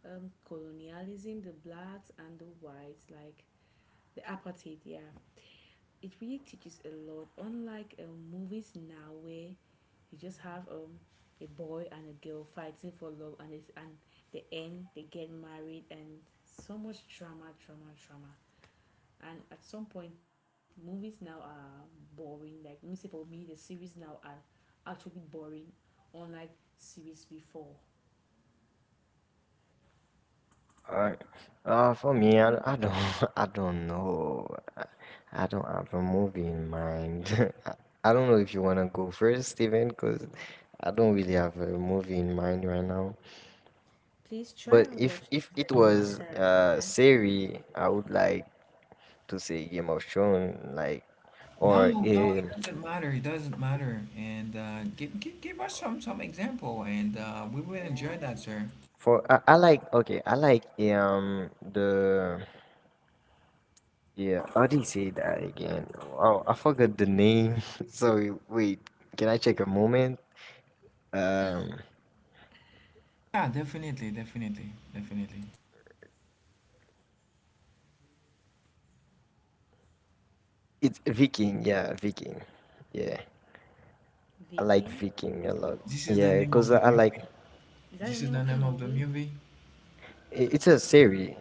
B: um colonialism, the blacks and the whites, like the apartheid, yeah. It really teaches a lot, unlike movies now where you just have a boy and a girl fighting for love, and it's and the end they get married, and so much drama, drama, drama. And at some point, movies now are boring. Like, let me say, for me the series now are actually boring, unlike series before.
C: I, for me, I don't. [LAUGHS] I don't know. I, I don't have a movie in mind. [LAUGHS] I don't know if you wanna go first, Steven, because I don't really have a movie in mind right now.
B: Please try
C: But
B: and
C: if
B: watch
C: if it
B: the movie
C: was
B: Sarafina.
C: Siri, I would like to say emotion like
A: No,
C: or
A: no, it doesn't matter. It doesn't matter. And give us some example, and we will enjoy that,
B: Yeah.
A: sir.
C: [TSK] for I like, okay, I like the yeah how do you say that again? Oh, I forgot the name. [LAUGHS] Sorry, wait, can I check a moment? um
A: Yeah, definitely, definitely, definitely.
C: it's Viking. Yeah, Viking, yeah. I like
B: Viking,
C: Viking a lot.
A: This is the
C: Yeah,
A: name
C: because
A: of
C: I,
A: the
C: I like,
A: movie.
B: is that
A: This
B: the
A: is
B: name
A: the
B: of the
A: name of the
B: movie?
A: movie.
C: it's a series,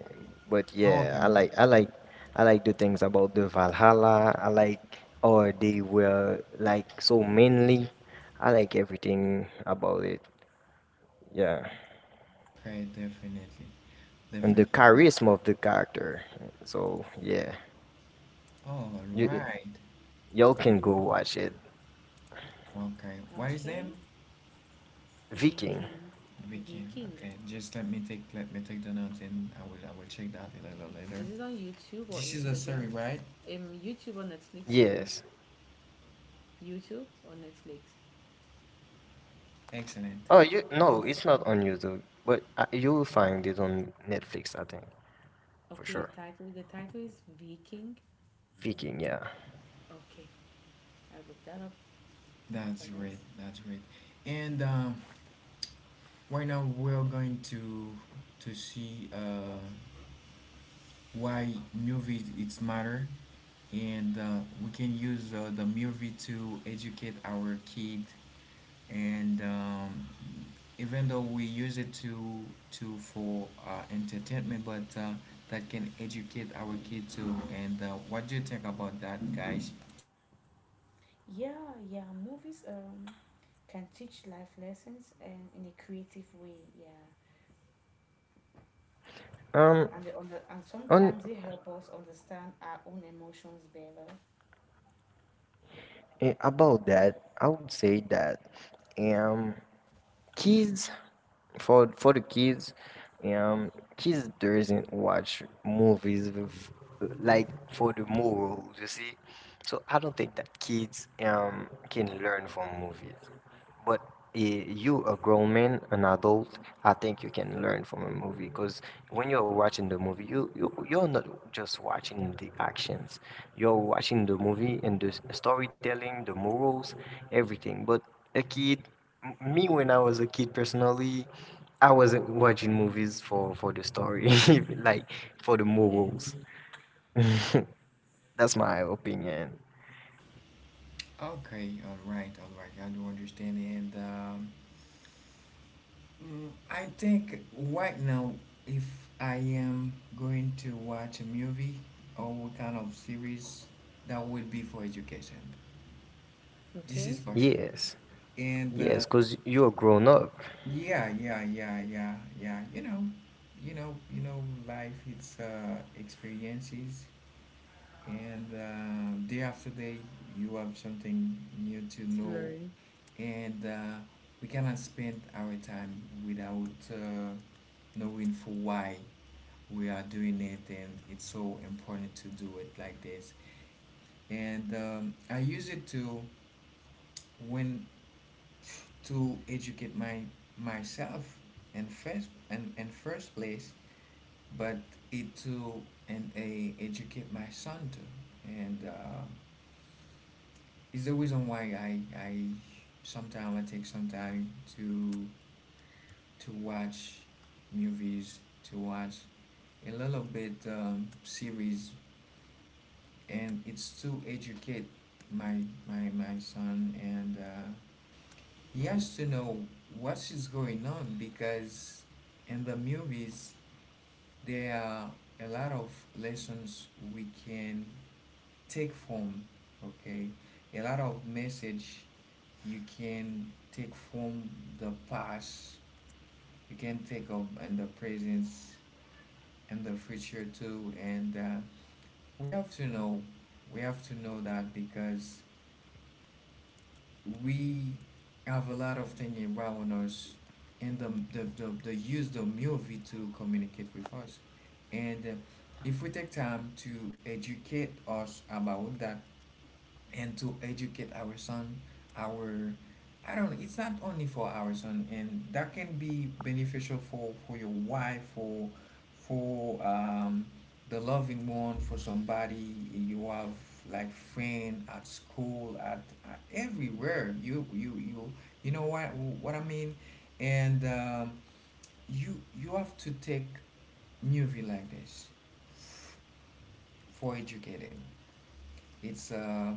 C: but
A: Oh, okay,
C: yeah, I
A: okay,
C: like I like I like the things about the Valhalla. I like, or they were like so mainly. I like everything about it. Yeah,
A: okay. Definitely,
C: and the
A: definitely.
C: charisma of the character. So yeah,
A: All
C: you
A: right.
C: y'all can go watch it.
A: Okay. What is them?
B: Okay.
C: Viking.
B: Viking.
A: Weekend.
B: Viking,
A: Okay. Just let me take the notes, and I will check that a little later.
B: is it on YouTube or
A: This is a story,
B: Instagram?
A: right?
B: YouTube or Netflix, sorry.
C: Yes.
B: YouTube or Netflix?
A: Excellent.
C: Oh, you, no, it's not on YouTube, but you'll find it on Netflix, I think, for
B: Okay,
C: sure.
B: the title, the title is Viking.
C: Viking, yeah.
B: Okay, I'll look that up
A: That's
B: after
A: great.
B: this.
A: That's great. And right now we're going to see why movies it's matter, and we can use the movie to educate our kid. And even though we use it to for entertainment, but that can educate our kid too. And what do you think about that, guys?
B: Yeah, yeah. Movies can teach life lessons and in a creative way, yeah.
C: Um,
B: And they under and
C: on
B: sometimes they help us understand our own emotions better.
C: Eh, about that, I would say that um kids for the kids, kids doesn't watch movies with, like, for the morals, you see. So I don't think that kids can learn from movies. But eh, you, a grown man, an adult, I think you can learn from a movie, because when you're watching the movie, you you're not just watching the actions. You're watching the movie and the storytelling, the morals, everything. But a kid, me, when I was a kid personally, I wasn't watching movies for the story, [LAUGHS] like for the
B: Yeah.
C: morals. [LAUGHS] That's my opinion.
A: Okay, all right, all right, I do understand. And I think right now, if I am going to watch a movie or what kind of series, that would be for education. This
B: Okay.
A: is for sure.
C: Yes,
A: And
C: yes, because you're grown up.
A: yeah, yeah, yeah, yeah, yeah. Life. It's experiences, and day after day, you have something new to
B: To
A: know,
B: learn.
A: and we cannot spend our time without knowing for why we are doing it, and it's so important to do it like this. And I use it to, when to educate my myself in first, and in first place. But it to, and a educate my son too. And it's the reason why I sometimes I take some time to to watch movies, to watch a little bit, series. And it's to educate my my son. And he has to know what is going on, because in the movies there are a lot of lessons we can take from. Okay, a lot of message you can take from the past, you can take up in the present and the future too. And we have to know, we have to know that, because we have a lot of things around us, and the use the movie to communicate with us. And if we take time to educate us about that, and to educate our son, our I don't know, it's not only for our son, and that can be beneficial for your wife, for the loving one, for somebody you have like friend at school, at everywhere. You you know what I mean. And you you have to take movie like this for educating. It's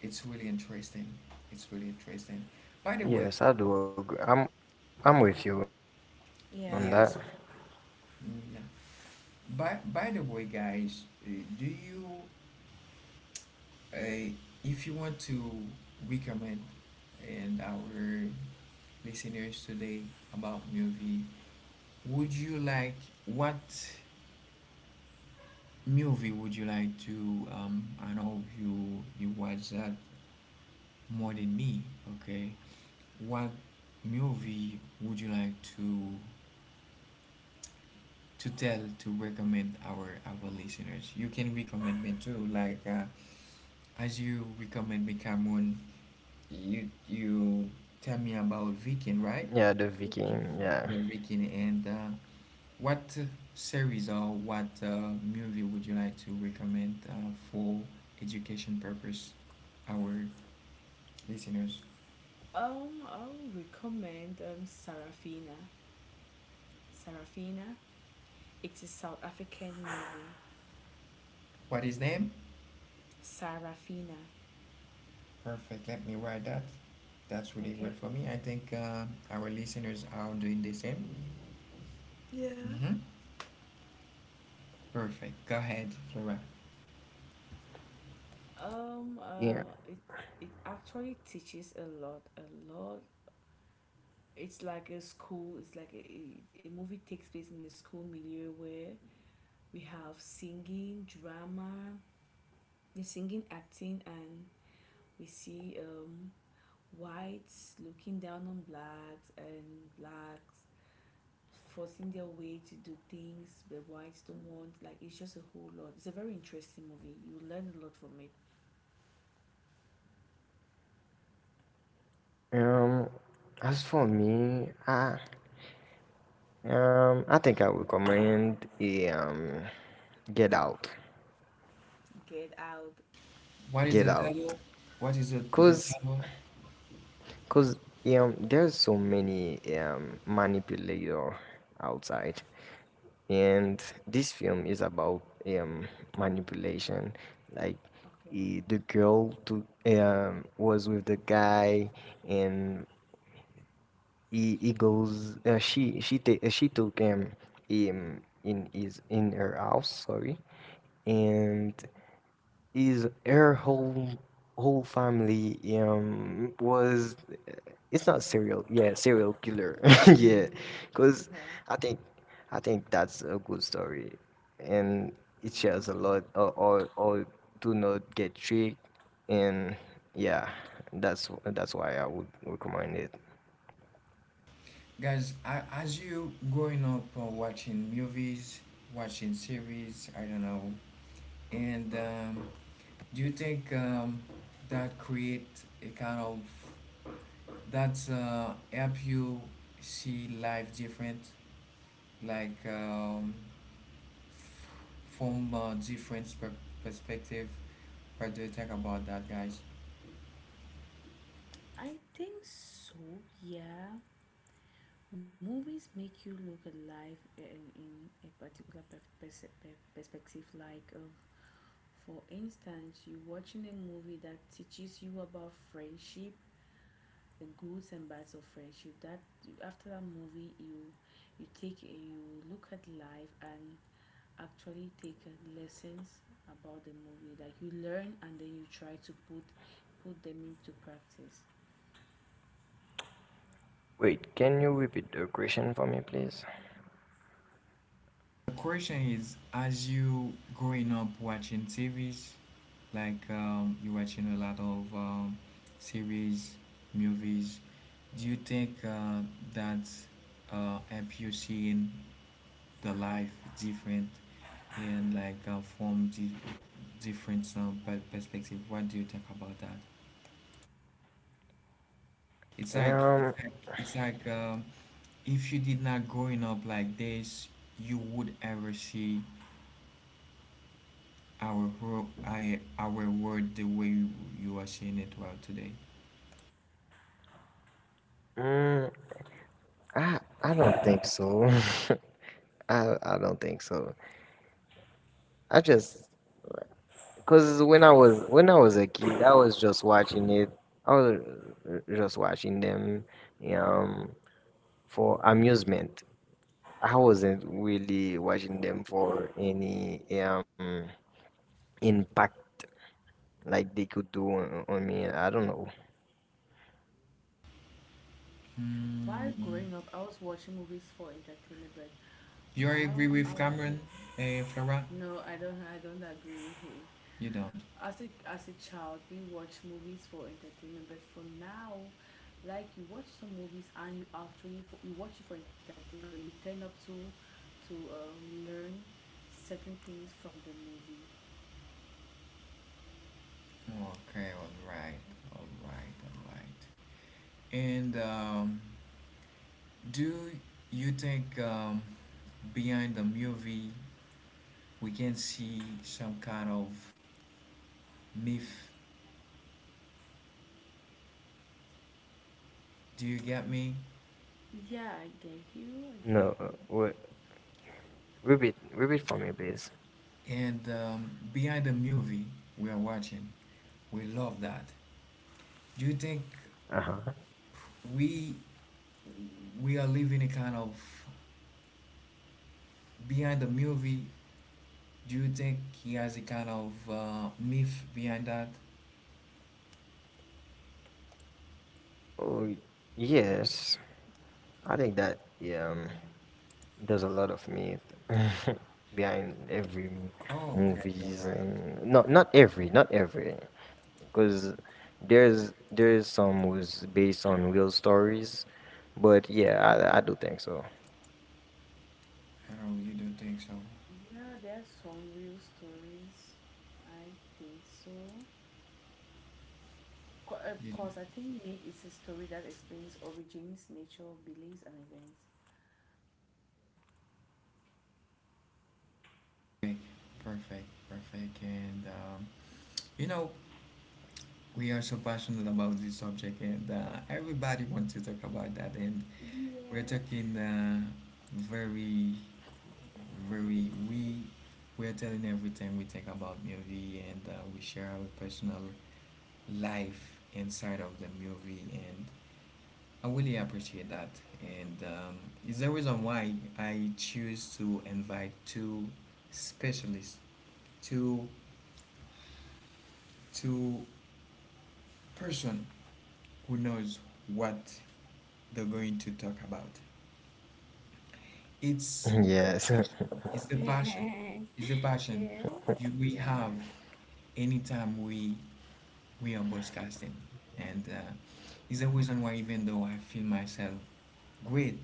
A: it's really interesting. It's really interesting. By the way,
C: Yes, I do agree. I'm with you on that.
B: Yeah.
A: yes, mm, yeah. By the way, guys, do you, uh, if you want to recommend and our listeners today about movie, would you like, what movie would you like to? I know you you watch that more than me. Okay, what movie would you like to tell, to recommend our listeners? You can recommend me too. Like as you recommend me, Cameron, you tell me about Viking,
C: Yeah,
A: right?
C: the Viking.
B: Okay.
C: Yeah,
A: The Viking, and what series or what movie would you like to recommend for education purpose, our listeners?
B: I'll recommend Sarafina. Sarafina. It's a South African movie.
A: What is name?
B: Sarafina.
A: Perfect. Let me write that. That's really good
B: Okay.
A: for me. I think our listeners are doing the same. Mm-hmm. Perfect. Go ahead, Flora.
B: Um.
C: yeah.
B: Uh. It it actually teaches a lot, a lot. It's like a school, it's like a movie takes place in the school milieu where we have singing drama, the singing, acting, and we see whites looking down on blacks, and blacks forcing their way to do things the whites don't want. Like, it's just a whole lot. It's a very interesting movie, you learn a lot from it.
C: Um, as for me, I would recommend Get Out.
B: Get out.
A: What is
C: Get
A: the
C: Out,
A: title? What is the
C: cause
A: title?
C: cause there's so many manipulator outside, and this film is about manipulation. Like,
B: Okay,
C: the girl to was with the guy, and he goes. She took him in her house. Sorry, and is her whole family was, it's not serial, yeah, serial killer. [LAUGHS] Yeah, because i think I think that's a good story, and it shares a lot, or do not get tricked, and yeah, that's why I would recommend it.
A: Guys, as you growing up watching movies, watching series, I don't know. And do you think that create a kind of, that help you see life different, like f- from a different perspective? What do you think about that, guys?
B: I think so, yeah. Movies make you look at life in a particular perspective. Like, for instance, you're watching a movie that teaches you about friendship, the goods and bads of friendship. That after that movie, you take a, you look at life and actually take lessons about the movie. Like you learn and then you try to put them into practice.
C: Wait, can you repeat the question for me, please?
A: The question is, as you growing up watching series, like you're watching a lot of series, movies. Do you think that help you seeing the life different, and like from di different, perspective? What do you think about that? It's like
C: um
A: it's like it's like um, if you did not growing up like this, you would ever see our whole, our world the way you, you are seeing it well today.
C: mm, i don't think so. [LAUGHS] I don't think so, I just. Cause when I was a kid, I was just watching it. I was just watching them um for amusement. I wasn't really watching them for any impact like they could do on me. I don't know.
B: While
A: Mm.
B: growing up, I was watching movies for entertainment, but
A: You agree
B: I
A: with Cameron, eh, Flora?
B: No, I don't. I don't agree with him.
A: You don't.
B: As a child, we watch movies for entertainment, but for now, like you watch some movies and you actually for, you watch it for entertainment, but you turn up to learn certain things from the movie.
A: Okay, alright, alright, alright. And do you think behind the movie we can see some kind of myth? Do you get me?
B: Yeah, I get you. I get
C: No,
B: you.
C: repeat for me, please.
A: And behind the movie we are watching, we love that. Do you think
C: Uh-huh.
A: we we are living a kind of behind the movie, do you think he has a kind of myth behind that?
C: Oh, yes. I think that, yeah. There's a lot of myth [LAUGHS] behind every
A: Oh, okay, all
C: movies.
A: right.
C: And no, not every, because there's some was based on real stories, but yeah,
B: Yeah.
C: I do think so. [LAUGHS]
A: I know, you don't think so?
B: Yeah, there are some real stories. I think so.
A: You do
B: Because I think Myth is a story that explains origins, nature, beliefs, and events.
A: think, perfect, perfect. And you know we are so passionate about this subject, and everybody wants to talk about that, and we're
B: Yeah.
A: talking very, very. We, we're telling everything we think about movie, and we share our personal life inside of the movie, and I really appreciate that. And is the reason why I choose to invite two specialists, two, two person who knows what they're going to talk about. It's
C: Yes.
B: [LAUGHS]
A: the passion.
B: Yeah,
A: It's the passion
B: yeah,
A: you, we
B: yeah.
A: have anytime we, are broadcasting, and it's the reason why, even though I feel myself great,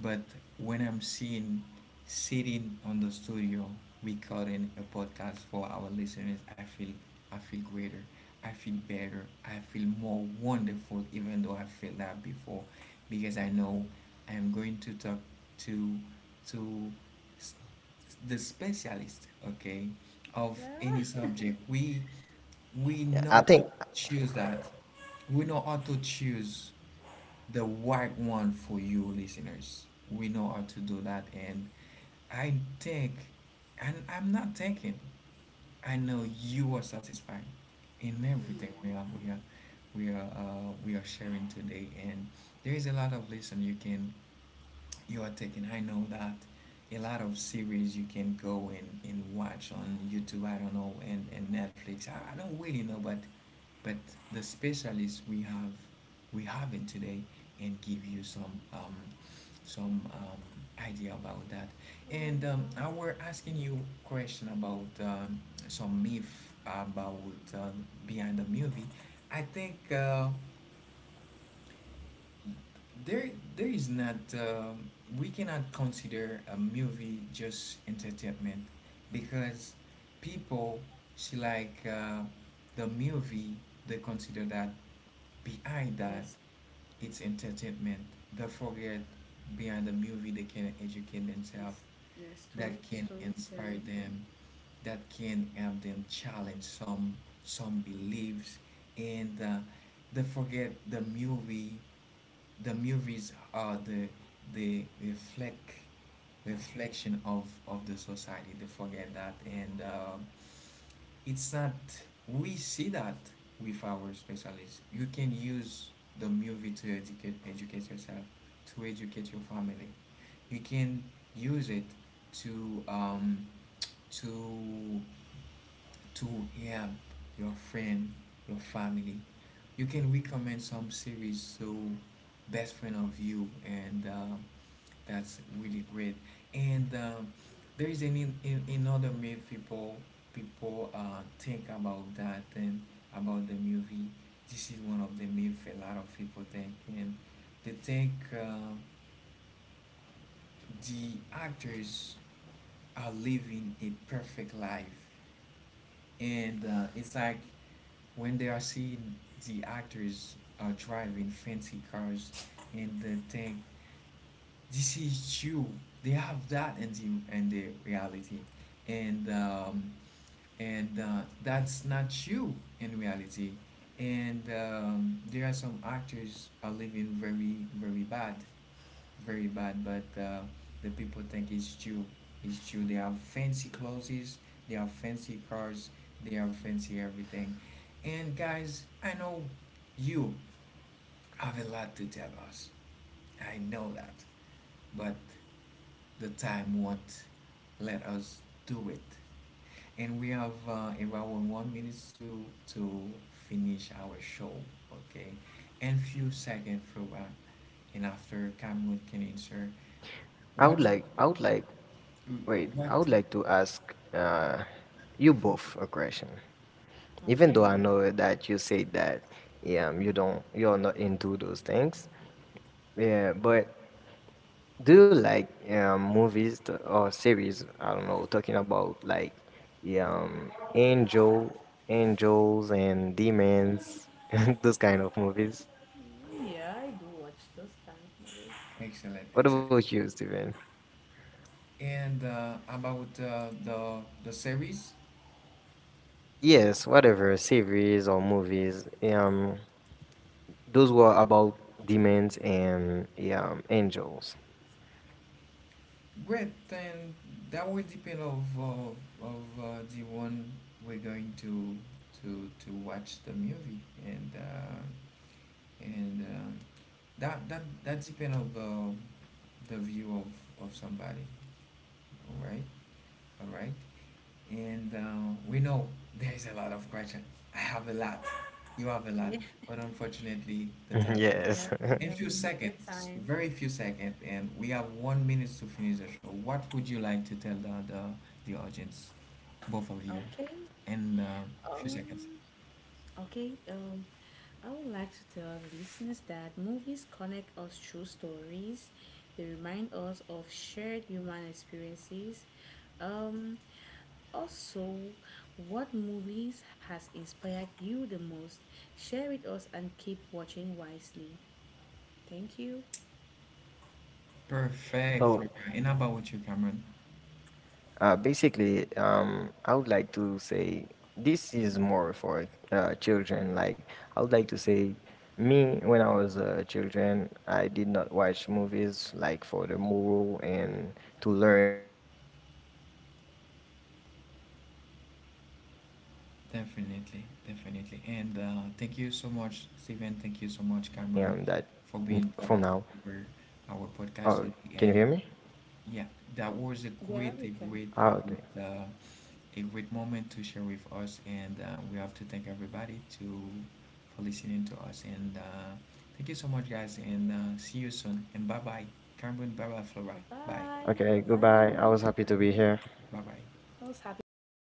A: but when I'm seen sitting on the studio recording a podcast for our listeners, I feel, I feel greater. I feel better. I feel more wonderful, even though I felt that before, because I know I am going to talk to, to s- the specialist, okay, of
B: Yeah.
A: any subject. We,
C: [LAUGHS] I
A: know how to
C: think.
A: choose that. We know how to choose the right one for you, listeners. We know how to do that. And I think, and I'm not thinking, I know you are satisfied in everything we are, we are, we are sharing today. And there is a lot of lesson you can, you are taking. I know that a lot of series you can go and watch on YouTube, I don't know, and Netflix. I don't really know, but the specialists we have, we have it today, and give you some idea about that. And I were asking you question about some myth about uh, behind the movie. I think there, there is not we cannot consider a movie just entertainment, because people see like the movie, they consider that behind that,
B: Yes.
A: it's entertainment. They forget behind the movie they can educate themselves,
B: Yes, yes.
A: that
B: Story,
A: can inspire
B: storytelling.
A: them, that can help them challenge some beliefs. And they forget the movie. The movies are the reflection of the society. They forget that, and it's not, we see that with our specialists you can use the movie to educate yourself, to educate your family. You can use it to to to help your friend, your family. You can recommend some series to best friend of you. And that's really great. And there is any, another myth people, people think about that, and about the movie. This is one of the myth a lot of people think, and they think the actors are living a perfect life, and it's like when they are seeing the actors are driving fancy cars, and they think this is true. They have that in the reality. And that's not true in reality. And there are some actors are living very, very bad, very bad. But the people think it's true. It's true. They have fancy clothes. They have fancy cars. They have fancy everything. And guys, I know you have a lot to tell us. I know that, but the time won't let us do it. And we have around 1 minute to finish our show, okay? And few seconds for wrap. And after Cameron can answer what
C: I would like, wait, I
A: what
C: would like to ask uh you both a question. Even though I
B: Okay.
C: know that you say that yeah, you don't, you're not into those things, yeah, but, do you like movies or series? I don't know, talking about like um, angel, angels and demons, [LAUGHS] those kind of movies.
B: Mm, yeah, I do watch those kind of movies.
A: excellent,
C: What
A: excellent.
C: about you, Steven?
A: And about the, series,
C: Yes, whatever series or movies. Those were about demons and angels.
A: great. Then that will depend of, of the one we're going to, to watch the movie. And and. Um, that, that depends of the view of somebody. All right, all right. And we know there's a lot of question, I have a lot, you have a lot.
B: Yeah,
A: But unfortunately the
C: [LAUGHS]
A: time,
B: we
C: Yes.
B: have, we
C: [LAUGHS]
A: in
B: have
A: few
B: limited
A: seconds,
B: time.
A: very few seconds, and we have 1 minute to finish the show, what would you like to tell the, the audience, both of you,
B: Okay.
A: in a few seconds?
B: Um. Okay. I would like to tell the listeners that movies connect us through stories. They remind us of shared human experiences. Um. Also, what movies has inspired you the most? Share with us and keep watching wisely. Thank you.
A: Perfect,
C: So,
A: Flora. And how about you, Cameron?
C: Basically, I would like to say, this is more for children. Like, I would like to say, me when I was a children, I did not watch movies like for the moral and to learn about it. Yeah, I just hope that if you're a kid and
A: Definitely,
C: you're listening to
A: definitely.
C: this,
A: And
C: and
A: thank you
C: that
A: so much, Steven. Thank you
C: from
A: so
C: now,
A: much, Cameron, for being part of our,
C: oh, can
A: our
C: you hear me?
A: podcast today. And yeah, that was a
B: Yeah,
A: great,
B: we
A: a
C: Ah,
B: can.
C: okay,
A: great, great, uh, a great moment to share with us. And we have to thank everybody to, for listening to us. And thank you so much, guys. And see you soon. And bye bye, Cameron. Bye bye,
B: Bye
A: Flora. Bye.
B: bye. Bye
C: okay,
B: bye, everyone.
C: goodbye. I was happy to
B: Bye.
C: be here.
A: Bye bye.
B: I was happy to be here too.